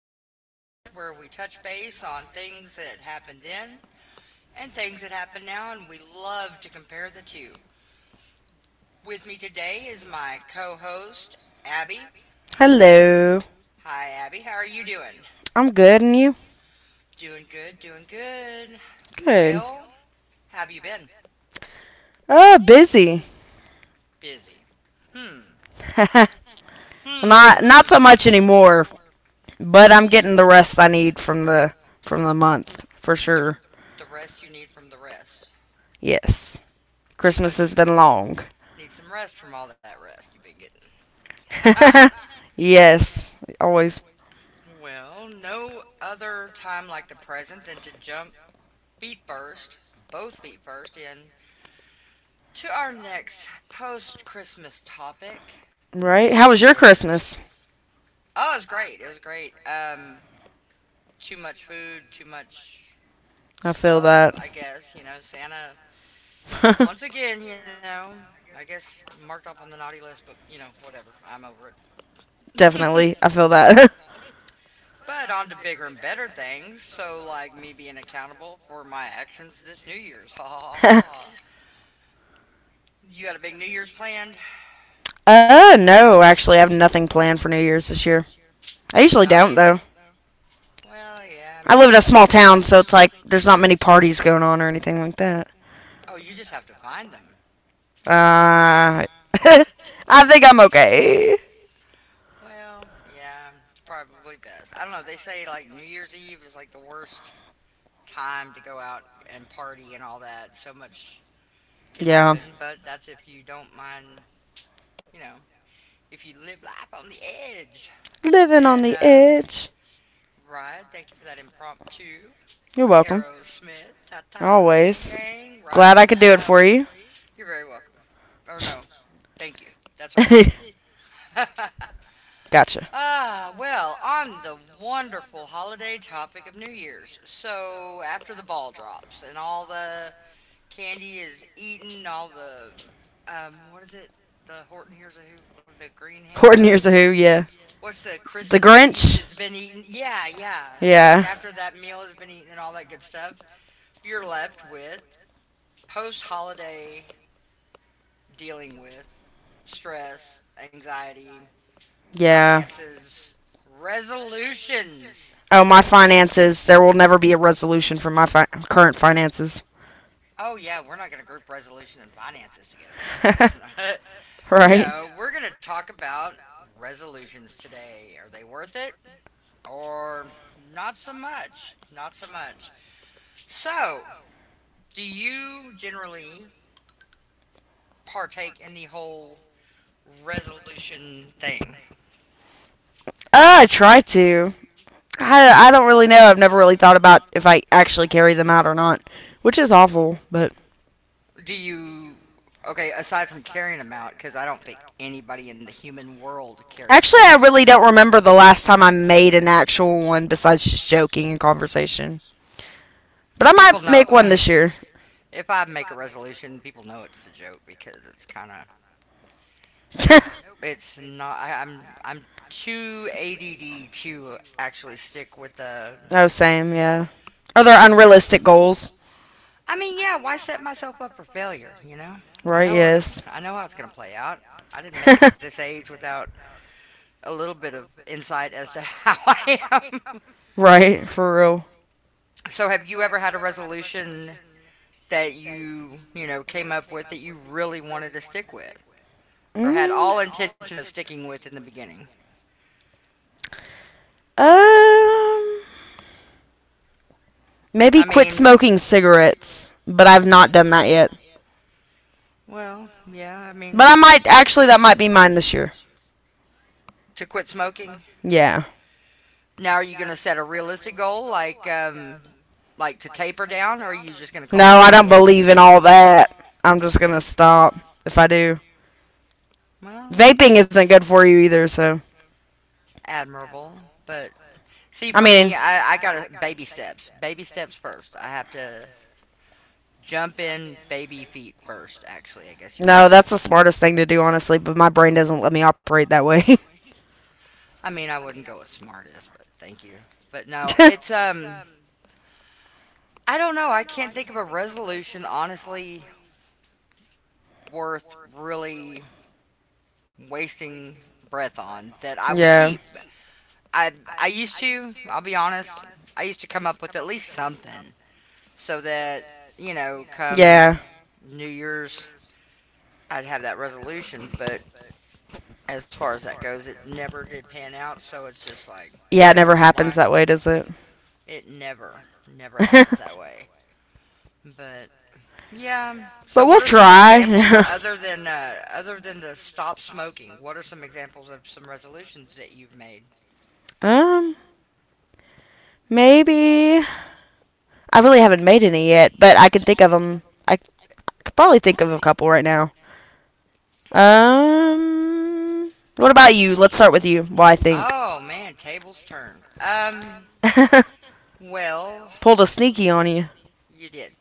a podcast where we touch base on things that happened then and things that happen now, and we love to compare the two. With me today is my co host, Abby. Hello. Hi, Abby. How are you doing? I'm good, and you? Doing good, doing good. Good. Well, how have you been? Busy. Busy. Hmm. Not Hmm. so much anymore, but I'm getting the rest I need from the month for The, sure. the rest you need from the rest. Yes. Too Christmas much. has been long. Need some rest from all that rest you've been getting. Yes, always. Well, no other time like the present than to jump feet first, both feet first, in to our next post Christmas topic New Right? How was your Christmas? Year's. Oh, it was great. It was great. Too much food, too much I feel stuff, that. I guess. Santa, once again, I guess marked up on the naughty list, but, you know, whatever. I'm over it. Definitely. I feel that. But on to bigger and better things. So, like me being accountable for my actions this New Year's. Ha ha ha ha. You got a big New Year's planned? Haul. No, actually, I have nothing planned for New Year's this year. I usually Not yet. don't, though. Well, yeah, I I mean. live in a small town, so it's like there's not many parties going on or anything like that. Oh, you just have to find them. Uh, I think I'm okay. Well, yeah, it's probably best. I don't know. They say like New Year's Eve is like the worst time to go out and party and all that. So much can Yeah. happen, but that's if you don't mind, you know, if you live life on the edge, Living on then the uh, edge. right. Thank you for that impromptu. You're welcome. Aerosmith, ta ta, gang Always. gang, Glad right? I could I do it know. for you. You're very welcome. Or no, thank you. That's right. Gotcha. Ah, well, on the wonderful holiday topic of New Year's. So, after the ball drops and all the Candy is eating all the what is it? The Horton hears a who? What are the green? Horton No. Hears a Who, yeah. What's the The Christmas beast Grinch? has been eaten? Yeah, yeah. So like Yeah. after that meal has been eaten and all that good stuff, you're left with post holiday dealing with stress, anxiety, Yeah. finances, yeah, resolutions. Oh, my finances. There will never be a resolution for my current finances. Oh yeah, we're not gonna group resolution and finances together. No, there's no Right? no, we're going to talk about resolutions today. Are they worth it or not so much? Not so much. So, do you generally partake in the whole resolution thing? I try to. I don't really know. I've never really thought about if I actually carry them out or not, which is awful. But Do you, okay, aside from carrying them out, because I don't think anybody in the human world carries actually, them I out. really don't remember the last time I made an actual one besides just joking and conversation. But I People might know. make one this year. If I make a resolution, people know it's a joke because it's kind of nope, it's not. I'm too ADD to actually stick Oh, same, yeah. Are there with. unrealistic goals? I mean, yeah. Why set myself up for failure? You know, Right, yes. I know how it's gonna play out. I didn't make it at this age without a little bit of insight as to how I am. Right, for real. So, have you ever had a resolution that you know came up with that you really wanted to stick with, or had all intention of sticking with in the beginning? Um, I Maybe quit mean, smoking cigarettes, but I've not done that yet. Well, yeah, I But mean, I might actually that might be mine this year. to quit smoking. Yeah. Now, are you going to set a realistic goal, like to taper down, or are you just going to No, cold I don't turkey it? believe in all that. I'm just gonna stop if I do. Well, Vaping isn't that's good for you either, so admirable. But see, I for mean, me, I got to baby steps. Baby steps first. I have to jump in baby feet first, actually, I guess you could no, say. that's the smartest thing to do, honestly, but my brain doesn't let me operate that way. I mean, I wouldn't go with smartest, but thank you. But no, it's I don't know. I can't think of a resolution honestly worth really wasting breath on that I would Yeah. keep. I I'll be honest, I used to come up with at least something so that, you know, come Yeah. New Year's I'd have that resolution, but as far as that goes, it never did pan out, so it's just like, Yeah, it okay, never happens why? that Does way, does it? it? It never happens that way. But yeah. So But we'll what are some examples try. Other than the stop smoking? What are some examples of some resolutions that you've made? um, Maybe I really haven't made any yet, but I can think of them. I, c- I could probably think of a couple right now. What about you? Let's start with you. Well, I think Oh man, tables turned. Well, pulled a sneaky on you. you did.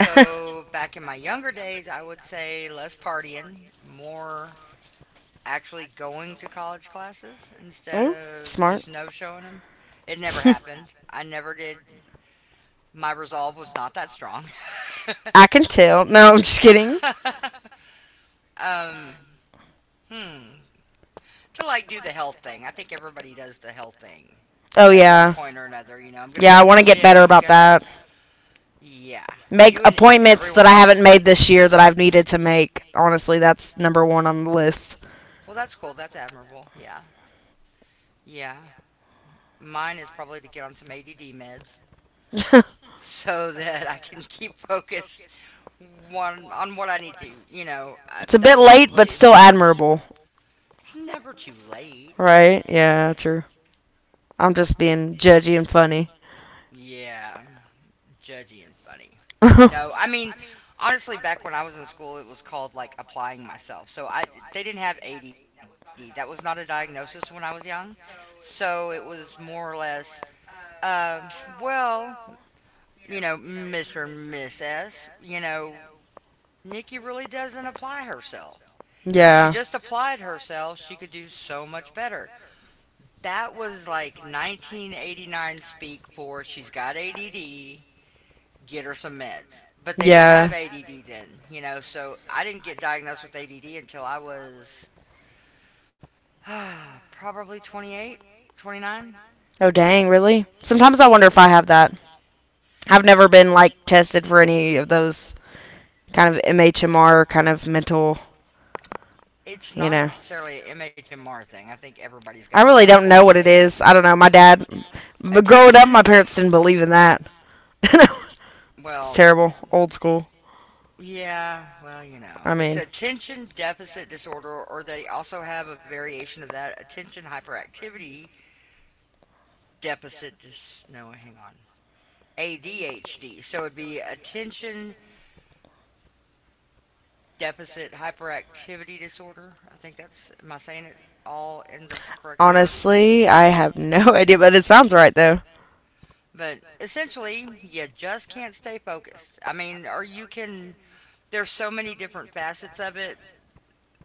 back in my younger days, I would say less partying, more actually going to college classes instead Oh, of smart. just no showing them. It never happened. I never did. My resolve was not that strong. I can tell. No, I'm just kidding. Tell. No, um, Hmm. to like do the health thing. I think everybody does the health thing Oh at one yeah, point, yeah, or another. You know, I'm gonna yeah. go I to want the to get gym. better I'm about gonna. that. Yeah. Make You and appointments that I everyone haven't else. made this year that I've needed to make. Honestly, that's number one on the list. Well, that's cool. That's admirable. Yeah. Yeah. Mine is probably to get on some ADD meds It's a so that I can keep focused one on what I need to. You know, bit that's late, but probably. still admirable, It's never too late. right? Yeah, true. I'm just It- being judgy and funny. Yeah, judgy and funny. No, I mean, honestly, back when I was in Called school, it was called like applying myself. So I They didn't have ADD. That was not a diagnosis when I was young. So it was more or less, um, well, you know, Mr. and Miss S, you know, Nikki really doesn't apply herself. If she yeah. just applied herself, she could do so much better. That was like 1989 speak for she's got ADD, get her some meds. But I they didn't have yeah. ADD then, you know, so I didn't get diagnosed with ADD until I was probably 28, 29. Oh, dang, really? Sometimes I wonder if I have that. I've never been like tested for any of those kind of MHMR kind of mental, It's you not know. necessarily an MHMR thing. I think everybody's I got really some don't form know of what it is. I ADD. don't know. My dad, but growing up, my Attention, parents didn't believe in that. It's well, terrible. Old school. yeah, well, you know, I it's mean, attention deficit disorder, or they also have a variation of that attention hyperactivity no, hang on. ADHD. So it'd be attention deficit hyperactivity disorder. I think that's, am I saying it all in the correct order? honestly, I have no idea, but it sounds right though. But essentially, you just can't stay focused. I mean, or you can, there's so many different facets of it.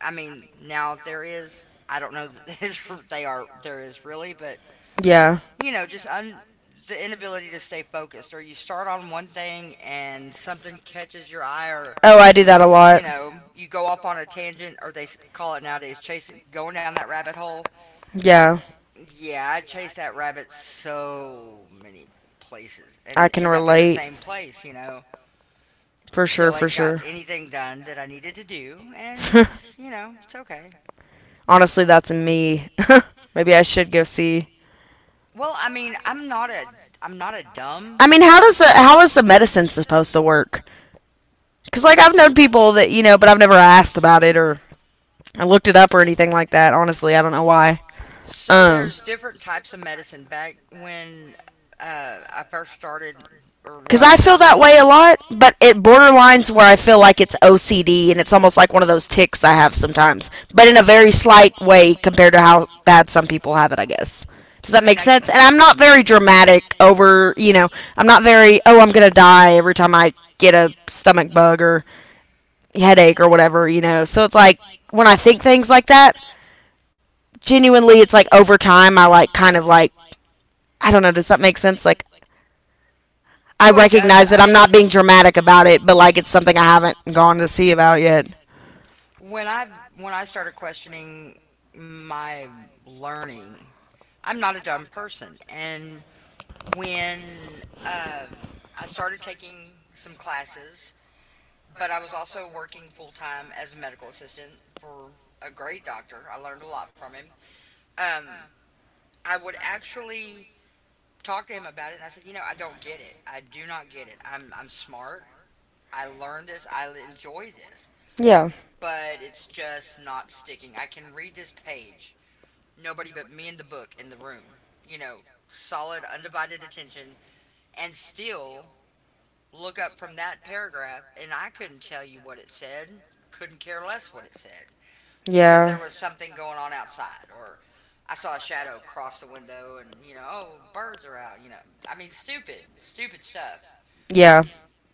I mean, now there is, I don't know that they are, there is really, but Yeah. you know, the inability to stay focused, or you start on one thing and something catches your eye, Oh, I do that a you lot. know, you go off on a tangent, or they call it nowadays chasing, going down that rabbit hole. Yeah. Yeah, I chased that rabbit so many places I and can end up in the relate. same place. You know, For sure, still for ain't got sure. anything done that I needed to do, and it's you know, it's okay. Honestly, that's me. Maybe I should go see. Well, I mean, I'm not a dumb I I mean, mean, how does the person. how is the medicine supposed to work? Cuz like I've known people that, you know, but I've never asked about it or I looked it up or anything like that. Honestly, I don't know why. So Um there's different types of medicine. Back when I first started, or Because well, I feel that way a lot, but it borderlines where I feel like it's OCD and it's almost like one of those tics I have sometimes, but in a very slight way compared to how bad some people have it, I guess. Does that I mean, make Does sense? And I'm not very dramatic over, you know, I'm not very, oh, I'm going to die every time I get a stomach bug or headache or whatever, you know. So it's like when I think things like that, genuinely, it's like over time, I like kind of like, I don't know, does that make sense? Like, I oh, it I recognize does. that I I'm not bad being about dramatic about it, but like it's something I haven't gone to see about yet. when I when I started questioning my learning, I'm not a dumb person, and when uh, I started taking some classes, but I was also working full time as a medical assistant for a great doctor. I learned a lot from him. Um, I would actually talk to him about it, and I said, you know, I don't get it. I do not get it. I'm smart. I learned this. I enjoy this, Yeah. but it's just not sticking. I can read this page nobody but me and the book in the room. You know, solid, undivided attention, and still look up from that paragraph, and I couldn't tell you what it said, couldn't care less what it said, because Yeah. there was something going on outside, or I saw a shadow cross the window, and, you know, oh, birds are out, you know. I mean, stupid stuff. Yeah.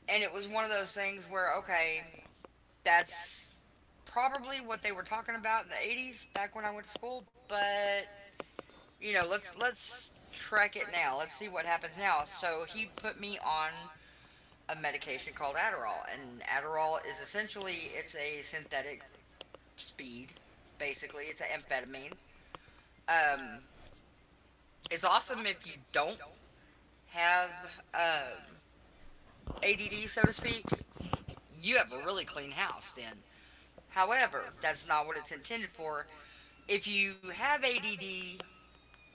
And it was one of those things where, okay, that's probably what they were talking about in the 80s back when I went to school, but you know, let's track it now. Let's see what happens now. So he put me on a medication called Adderall, and Adderall is essentially it's a synthetic speed. Basically, it's an amphetamine. Um, it's awesome if you don't have um, ADD, so to speak. You have a really clean house then. However, that's not what it's intended for. If you have ADD,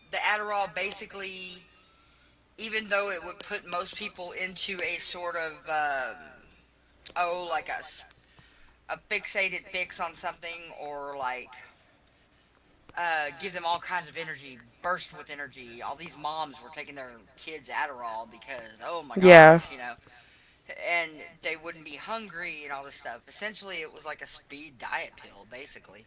the Adderall basically, even though it would put most people into a sort of oh like a fixated fix on something or like give them all kinds of energy burst with energy all these moms were taking their kids adderall because oh my Yeah. Yeah. gosh, yeah, you know. Yeah, and they wouldn't be hungry and all this stuff essentially it was like a speed diet pill basically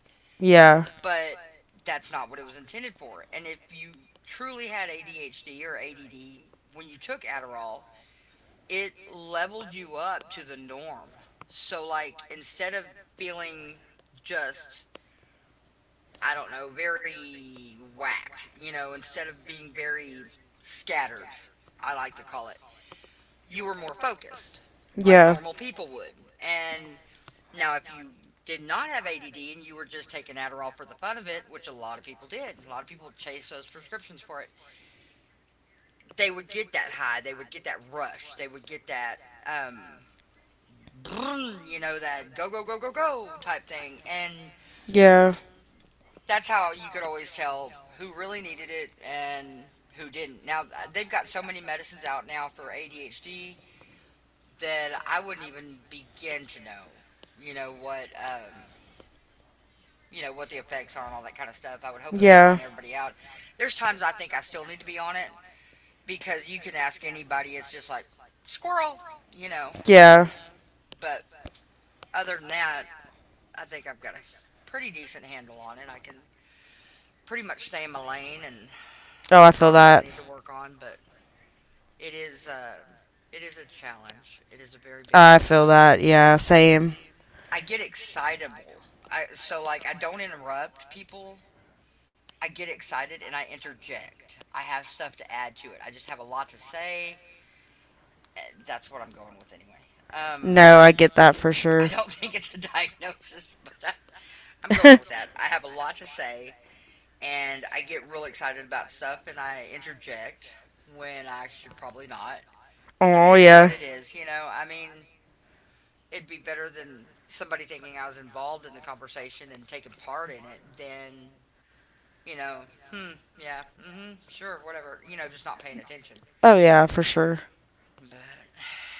but that's not what it was intended for. And if you truly had ADHD or ADD when you took Adderall, it leveled you up to the norm. So, like, instead of feeling just, I don't know, very whacked, you know, instead of being very scattered, I like to call it, you were more focused, like Yeah. normal people would. And now, if you did not have ADD and you were just taking Adderall for the fun of it, which a lot of people did. A lot of people chased those prescriptions for it. They would get that high. They would get that rush. They would get that um, that go, go, go, go, go type thing. And Yeah. that's how you could always tell who really needed it and who didn't. Now, they've got so many medicines out now for ADHD that I wouldn't even begin to know, you know, what. You know what the effects are and all that kind of stuff. I would hope it would line Yeah. everybody out. There's times I think I still need to be on it because you can ask anybody. It's just like squirrel, you know. Yeah. But other than that, I think I've got a pretty decent handle on it. I can pretty much stay in my lane and Oh, I work feel on what I that. need to work on. But it is, it is a challenge. It is a very big I feel challenge. that. Yeah, same. I get excitable. I so like I don't interrupt people. I get excited and I interject. I have stuff to add to it. I just have a lot to say. Eh, That's what I'm going with anyway. Um, No, I get that for I sure. don't think it's a diagnosis, but I'm going with that. I have a lot to say. And I get real excited about stuff and I interject when I should probably not. But it Oh, is what yeah. it is, you know. I mean, it'd be better than somebody thinking I was involved in the conversation and taking part in it than, you know, hmm, yeah, mm hmm, sure, whatever, you know, just not paying attention. Oh yeah, for sure. But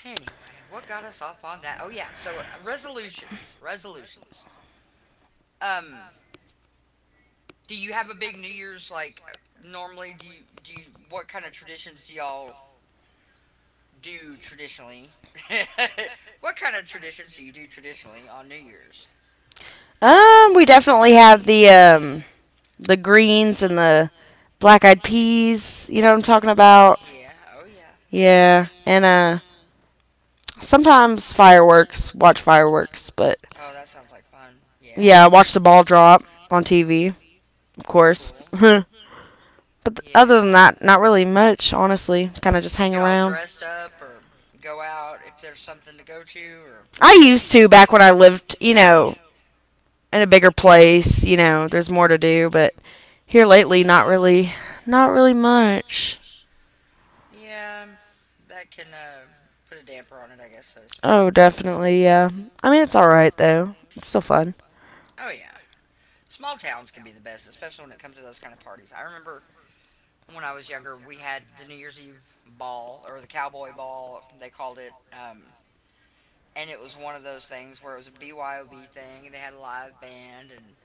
anyway, what got us off on that? Oh, yeah, so resolutions. Resolutions. Um, do you have a big New Year's like normally do you, what kind of traditions do y'all do traditionally? What kind of traditions do you do traditionally on New Year's? We definitely have the greens and the black eyed peas. You know what I'm talking about? Yeah, oh yeah. Yeah, and sometimes fireworks. Watch fireworks, but Oh, that sounds like fun. Yeah, yeah, watch the ball drop on TV, of course. cool. But other Yeah. than that, not really much, honestly. Kind of just You hang get all around. dressed up or go out if there's something to go to or I not really. used to back when I lived, you know, in a bigger place. You know, there's more to do, but here lately, not really, not really much. Yeah, that can, put a damper on it, I guess, so to speak. Oh, definitely, yeah. I mean, it's alright, though. It's still fun. Oh yeah, small towns can be the best, especially when it comes to those kind of parties. I remember when I was younger, we had the New Year's Eve ball or the cowboy ball, they called it. And it was one of those things where it was a BYOB thing, and they had a live band, and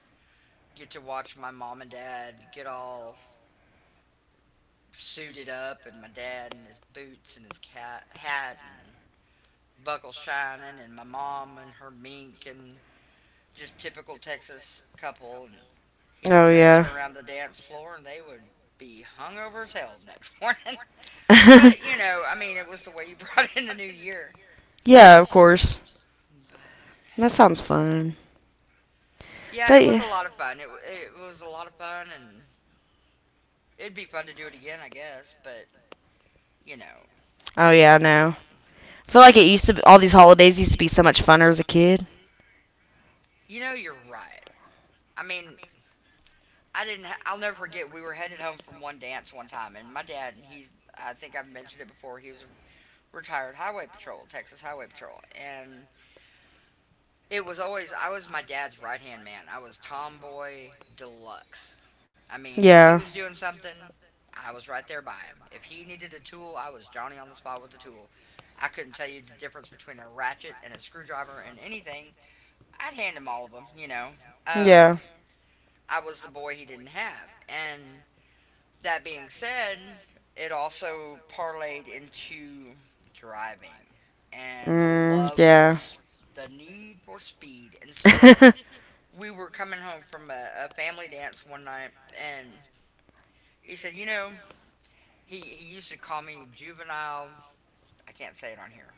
get to watch my mom and dad get all suited up, and my dad in his boots and his hat and buckles shining, and my mom and her mink, and just typical Texas couple. And he'd Oh, prance yeah. her around the dance floor, and they would be hungover as hell the next morning. But you know, I mean, it was the way you brought in the new year. Yeah, of course. But That sounds fun. yeah, it But, was yeah. a lot of fun. It was a lot of fun, and it'd be fun to do it again, I guess. But you know, Oh, I'm yeah, I probably know. not. I feel like it used to be, all these holidays used to be so much funner as a kid. You know, you're right. I mean, I didn't. Ha- I'll never forget. We were headed home from one dance one time, and my dad. He's. I think I've mentioned it before. He was a retired highway patrol, Texas Highway Patrol, and it was always I was my dad's right hand man. I was tomboy deluxe. I mean, if he Yeah. was doing something, I was right there by him. If he needed a tool, I was Johnny on the spot with the tool. I couldn't tell you the difference between a ratchet and a screwdriver and anything. I'd hand him all of them, you know. Um, Yeah. I was the boy he didn't have. And that being said, it also parlayed into driving and Mm, yeah. The need for speed. And so we were coming home from a family dance one night, and he said, you know, he used to call me juvenile. I can't say it on here.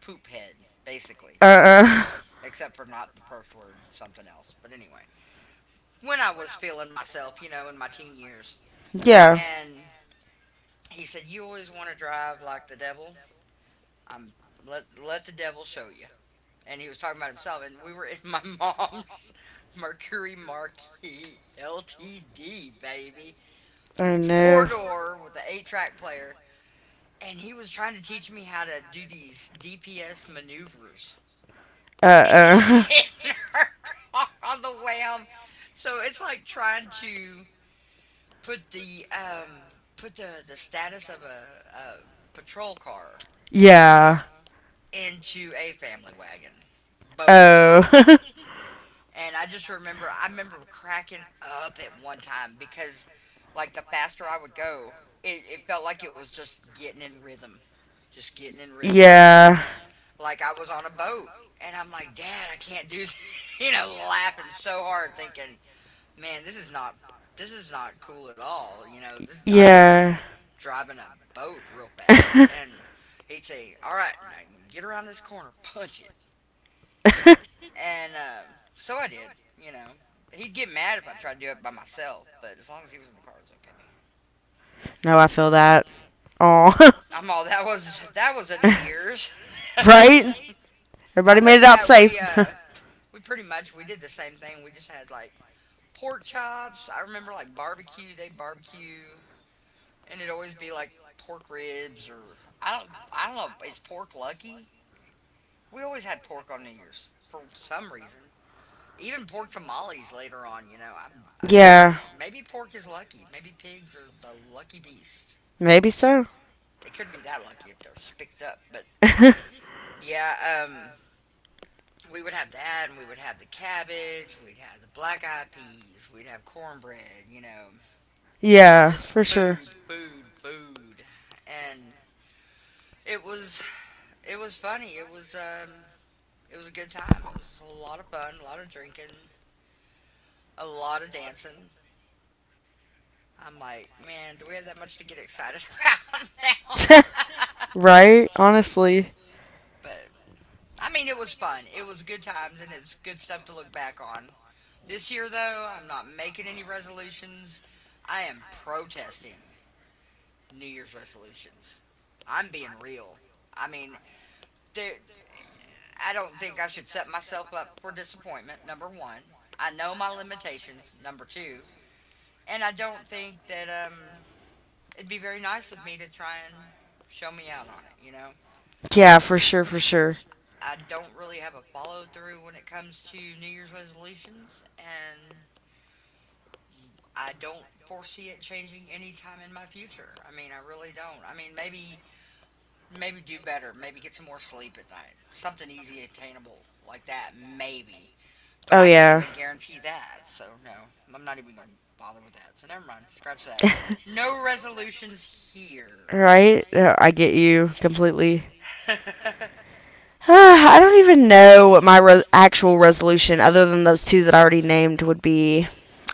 Poop head, basically, Uh-uh. except for not the first word, something else. But anyway, when I was feeling myself, you know, in my teen years, Yeah. and he said, "You always want to drive like the devil. I'm let the devil show you." And he was talking about himself, and we were in my mom's Mercury Marquis LTD, baby. Oh, Four no. door with an eight track player, and he was trying to teach me how to do these DPS maneuvers Uh-uh. in her car on the way home. So it's like trying to put the put the status of a patrol car Yeah. into a family wagon boat. Oh. And I just remember, I remember cracking up at one time because, like, the faster I would go, it felt like it was just getting in rhythm. Just getting in rhythm like this. Yeah. Like I was on a boat. And I'm like, Dad, I can't do this. You know, laughing so hard, thinking, man, This is not cool at all, you know. I'm just Yeah. driving a boat real fast. And he'd say, All right, now when you get around this corner, punch it. And so I did, you know. He'd get mad if I tried to do it by myself, but as long as he was in the car, it was okay. No, I feel that. Aw. I'm all that was a New Year's. Right? Everybody Other made than it out that, safe. We pretty much we did the same thing. We just had like pork chops. I remember like barbecue. They barbecue, and it'd always be like pork ribs or I don't know. Is pork lucky? We always had pork on New Year's for some reason. Even pork tamales later on, you know. Yeah. Maybe pork is lucky. Maybe pigs are the lucky beast. Maybe so. They couldn't be that lucky if they're spicked up. But yeah, we would have that, and we would have the cabbage. We'd have the black eyed peas. We'd have cornbread. You know, Yeah, just for sure. food, food, food, and it was it was funny. It was a good time. It was a lot of fun, a lot of drinking, a lot of dancing. I'm like, man, do we have that much to get excited about now? Right? Honestly. But I mean, it was fun. It was good times, and it's good stuff to look back on. This year, though, I'm not making any resolutions. I am protesting New Year's resolutions. I'm being real. I mean, there, I don't think I should set myself up for disappointment. Number one, I know my limitations. Number two, and I don't think that it'd be very nice of me to try and show me out on it. You know, Yeah, for sure, for sure. I don't really have a follow through when it comes to New Year's resolutions, and I don't foresee it changing anytime in my future. I mean, I really don't. I mean, maybe do better, maybe get some more sleep at night, something easy attainable like that, maybe. But Oh, I can't yeah. even guarantee that, so no, I'm not even gonna bother with that. So never mind, scratch that. No resolutions here. Right? No, I get you completely. Completely. I don't even know what my actual resolution, other than those two that I already named, would be.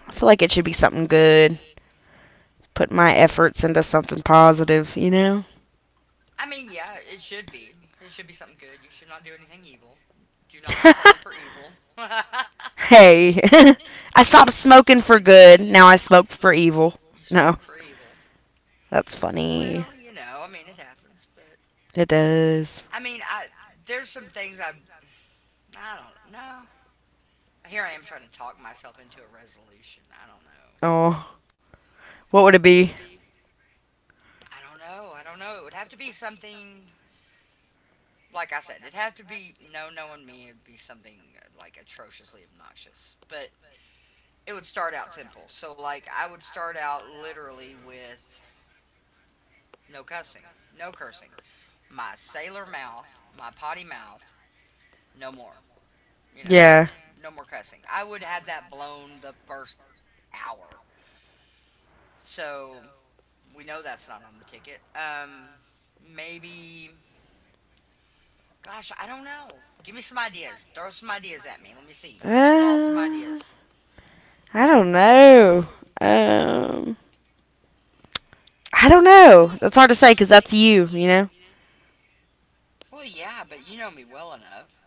I feel like it should be something good. Put my efforts into something positive, you know? I mean, yeah, it should be. It should be something good. You should not do anything evil. Do not resolve for evil. I Hey, I mean, stopped smoking for good. Now I smoke for evil. you No, smoke for evil. that's funny. Well, you know, I mean, it happens. But It does. I mean, I there's some things I don't know. Here I am trying to talk myself into a resolution. Oh, what would it be? I don't know. It would have to be something like I said. It'd have to be no knowing me. It'd be something like atrociously obnoxious. But it would start out simple. So like I would start out literally with no cussing, no cursing. My sailor mouth, my potty mouth, no more. You know, Yeah. no more cussing. I would have that blown the first hour. So we know that's not on the ticket. Maybe. Gosh, I don't know. Give me some ideas. Throw some ideas at me. Let me see. Spitball some Uh, ideas. I don't know. Um, I don't know. That's hard to say because that's you, you know? Well, yeah, but you know me well enough.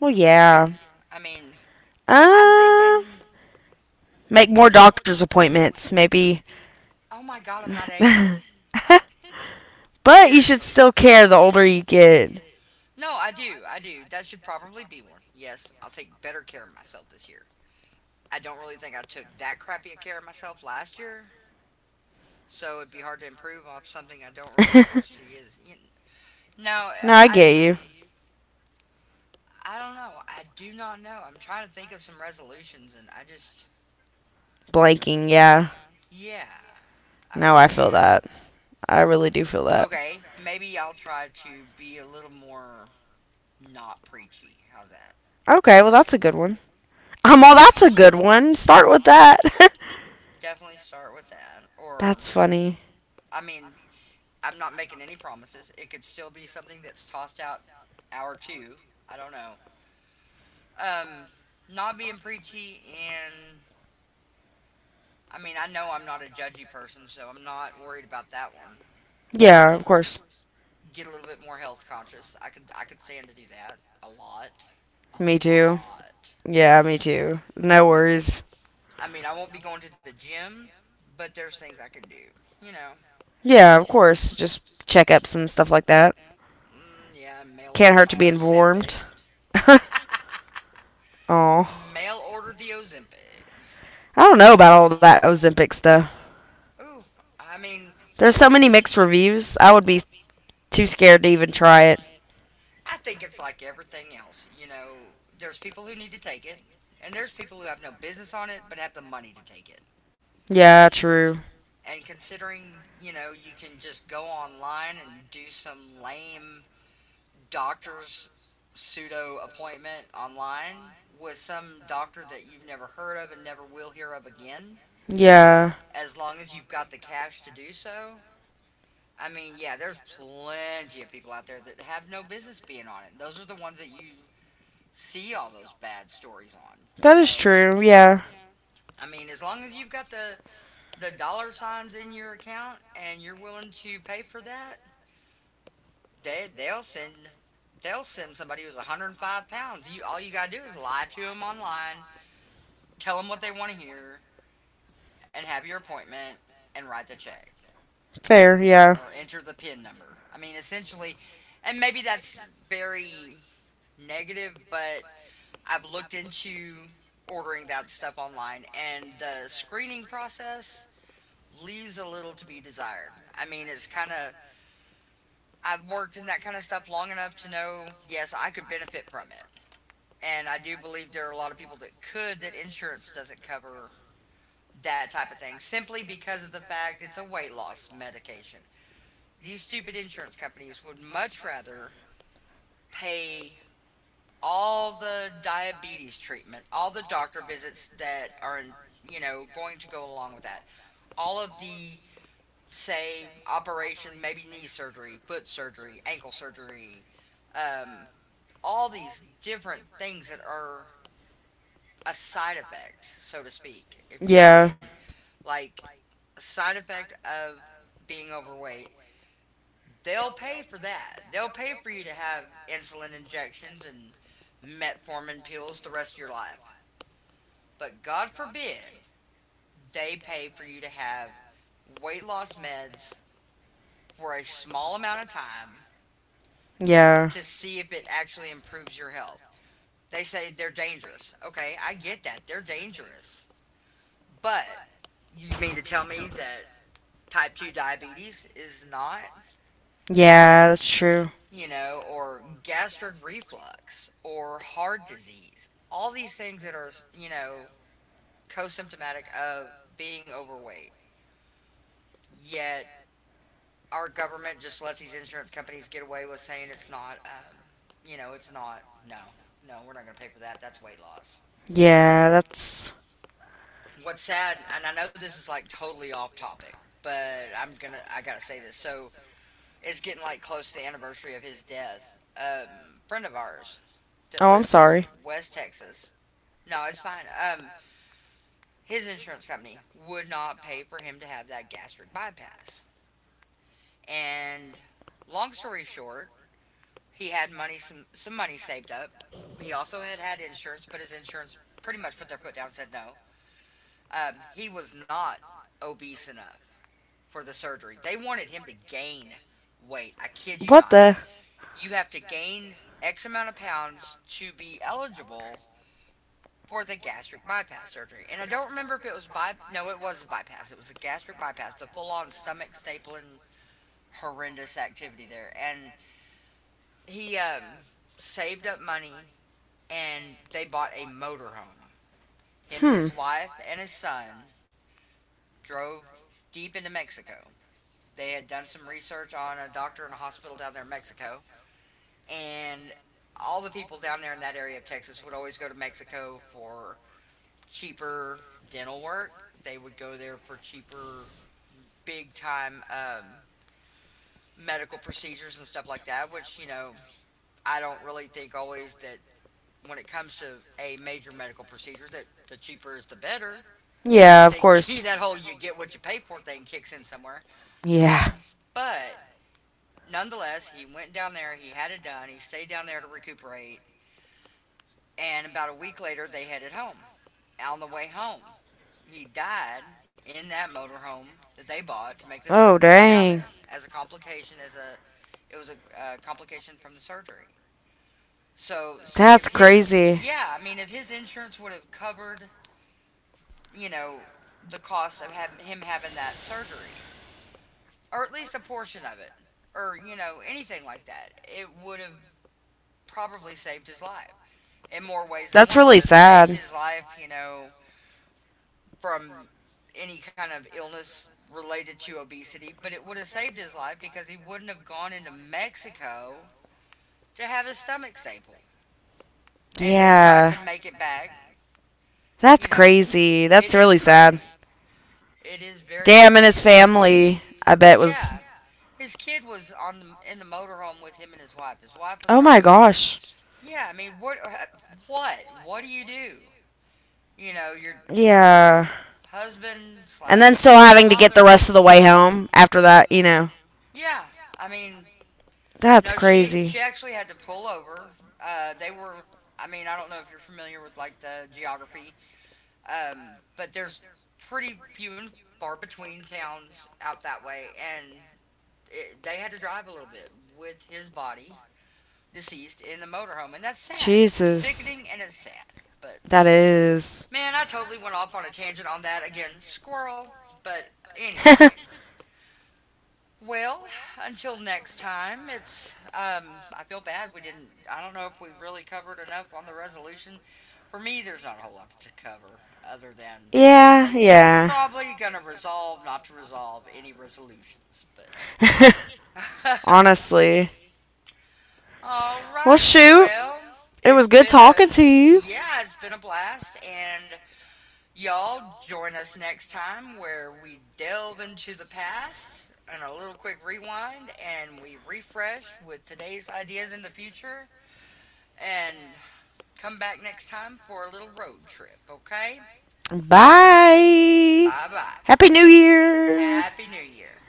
Well, You yeah. yeah. can. I mean, Um, I'm thinking. uh, Make more doctor's appointments. Maybe. Oh my God, I'm not 80. I but you should Seriously. still care the older you get. No, I do. I do. That should probably be one. Yes, I'll take better care of myself this year. I don't really think I took that crappy a care of myself last year, so it'd be hard to improve off something I don't really No, foresee is. You know, I I get you. I don't know. I do not know. I'm trying to think of some resolutions, and I just Blanking, yeah. yeah, I No, I really feel am. that. I really do feel that. Okay, maybe I'll try to be a little more not preachy. How's that? Okay, well, that's a good one. Well, that's a good one. Start with that. Definitely start with that. Or, That's funny. I mean, I'm not making any promises. It could still be something that's tossed out hour two. I don't know. Um, Not being preachy and. I mean, I know I'm not a judgy person, so I'm not worried about that one. Yeah, of course. Get a little bit more health conscious. I could stand to do that a lot, a Me too. lot. Yeah, me too. No worries. I mean, I won't be going to the gym, but there's things I can do. You know, Yeah, of course. Just checkups and stuff like that. mm, yeah, mail Can't order hurt to my be Ozempic. informed. Oh, Mail order the Ozempic. I don't know about all that Ozempic stuff. Ooh, I mean, There's so many mixed reviews. I would be too scared to even try it. I think it's like everything else. You know, there's people who need to take it, and there's people who have no business on it but have the money to take it. Yeah, true. And considering, you know, you can just go online and do some lame doctor's pseudo appointment online with some doctor that you've never heard of and never will hear of again, Yeah. as long as you've got the cash to do so. I mean, yeah, there's plenty of people out there that have no business being on it. Those are the ones that you see all those bad stories on. You That is know, true. Yeah. I mean, as long as you've got the dollar signs in your account and you're willing to pay for that, they they'll send they'll send somebody who's 105 pounds. You, all you gotta do is lie to them online, tell them what they want to hear, and have your appointment and write the check Fair. Yeah. or enter the PIN number. I mean, essentially, and maybe that's very negative, but I've looked into ordering that stuff online, and the screening process leaves a little to be desired. I mean, it's kind of, I've worked in that kind of stuff long enough to know, yes, I could benefit from it. And I do believe there are a lot of people that could, that insurance doesn't cover that type of thing simply because of the fact it's a weight loss medication. These stupid insurance companies would much rather pay all the diabetes treatment, all the doctor visits that are in, you know, going to go along with that, all of the say operation, maybe knee surgery, foot surgery, ankle surgery, um, all these different things that are a side effect, so to speak, if you know what I Yeah. mean. Like a side effect of being overweight, they'll pay for that. They'll pay for you to have insulin injections and metformin pills the rest of your life. But God forbid they pay for you to have weight loss meds for a small amount of time, yeah, Yeah. to see if it actually improves your health. They say they're dangerous. Okay, I get that. They're dangerous. But you mean to tell me that type 2 diabetes is not, Yeah, that's true. you know, or gastric reflux or heart disease? All these things that are, you know, co symptomatic of being overweight. Yet our government just lets these insurance companies get away with saying it's not, you know, it's not. No, no, we're not going to pay for that. That's weight loss. Yeah, that's. What's sad, and I know this is like totally off topic, but I gotta say this. So it's getting like close to the anniversary of his death. Friend of ours that Oh, I'm lived, oh, in, sorry. sorry, West Texas. No, it's fine. His insurance company would not pay for him to have that gastric bypass. And long story short, he had money, some money saved up. He also had insurance, but his insurance pretty much put their foot down and said no. He was not obese enough for the surgery. They wanted him to gain weight. I kid you What not. the? You have to gain X amount of pounds to be eligible for the gastric bypass surgery. And I don't remember if it was by, no, it was the bypass. It was the gastric bypass, the full on stomach stapling horrendous activity there. And he saved up money and they bought a motorhome. Him and Hmm. his wife and his son drove deep into Mexico. They had done some research on a doctor and a hospital down there in Mexico, and all the people down there in that area of Texas would always go to Mexico for cheaper dental work. They would go there for cheaper, big time medical procedures and stuff like that, which, you know, I don't really think always that when it comes to a major medical procedure, that the cheaper is the better. Yeah. I Yeah, of course. think that whole you get what you pay for thing kicks in somewhere. Yeah. But nonetheless, he went down there, he had it done, he stayed down there to recuperate, and about a week later, they headed home. On the way home, he died in that motorhome that they bought to make the Oh, trip to go down there dang. as a complication, as a, it was a complication from the surgery. So see if That's his, crazy. yeah, I mean if his insurance would have covered, you know, the cost of having that surgery, or at least a portion of it, or you know, anything like that. It would have probably saved his life in more ways than That's one. It really would have saved sad. his life, you know, from any kind of illness related to obesity, but it would have saved his life because he wouldn't have gone into Mexico to have his stomach stapled and then tried Yeah. to make it back, That's you know. crazy. It That's is really crazy. sad. It is very sad. Damn, and his family, I bet Yeah. was. His kid was on the, in the motorhome with him and his wife. His wife was, oh, Oh my driving. Oh, gosh. yeah, I mean, what do? You know, your, Yeah. yeah, husband And slash then your still kid's having to get father. the rest of the way home after that, you know. Yeah, I mean, That's no, she crazy. she actually had to pull over. They were, I mean, I don't know if you're familiar with like the geography, but there's pretty few and far between towns out that way, and it, they had to drive a little bit with his body deceased in the motorhome, and that's sad. It's Jesus. sickening and it's sad. But That is. man, I totally went off on a tangent on that again, squirrel. But anyway, well, until next time, it's, I feel bad we didn't. I don't know if we really covered enough on the resolution. For me, there's not a whole lot to cover other than Yeah, probably yeah. probably gonna resolve not to resolve any resolutions. But alrighty, Honestly. well, Well, shoot. well, It has was good been a, talking to you. yeah, it's been a blast, and y'all join us next time where we delve into the past and a little quick rewind and we refresh with today's ideas in the future and come back next time for a little road trip, okay? Bye. Bye bye. Happy New Year. Happy New Year.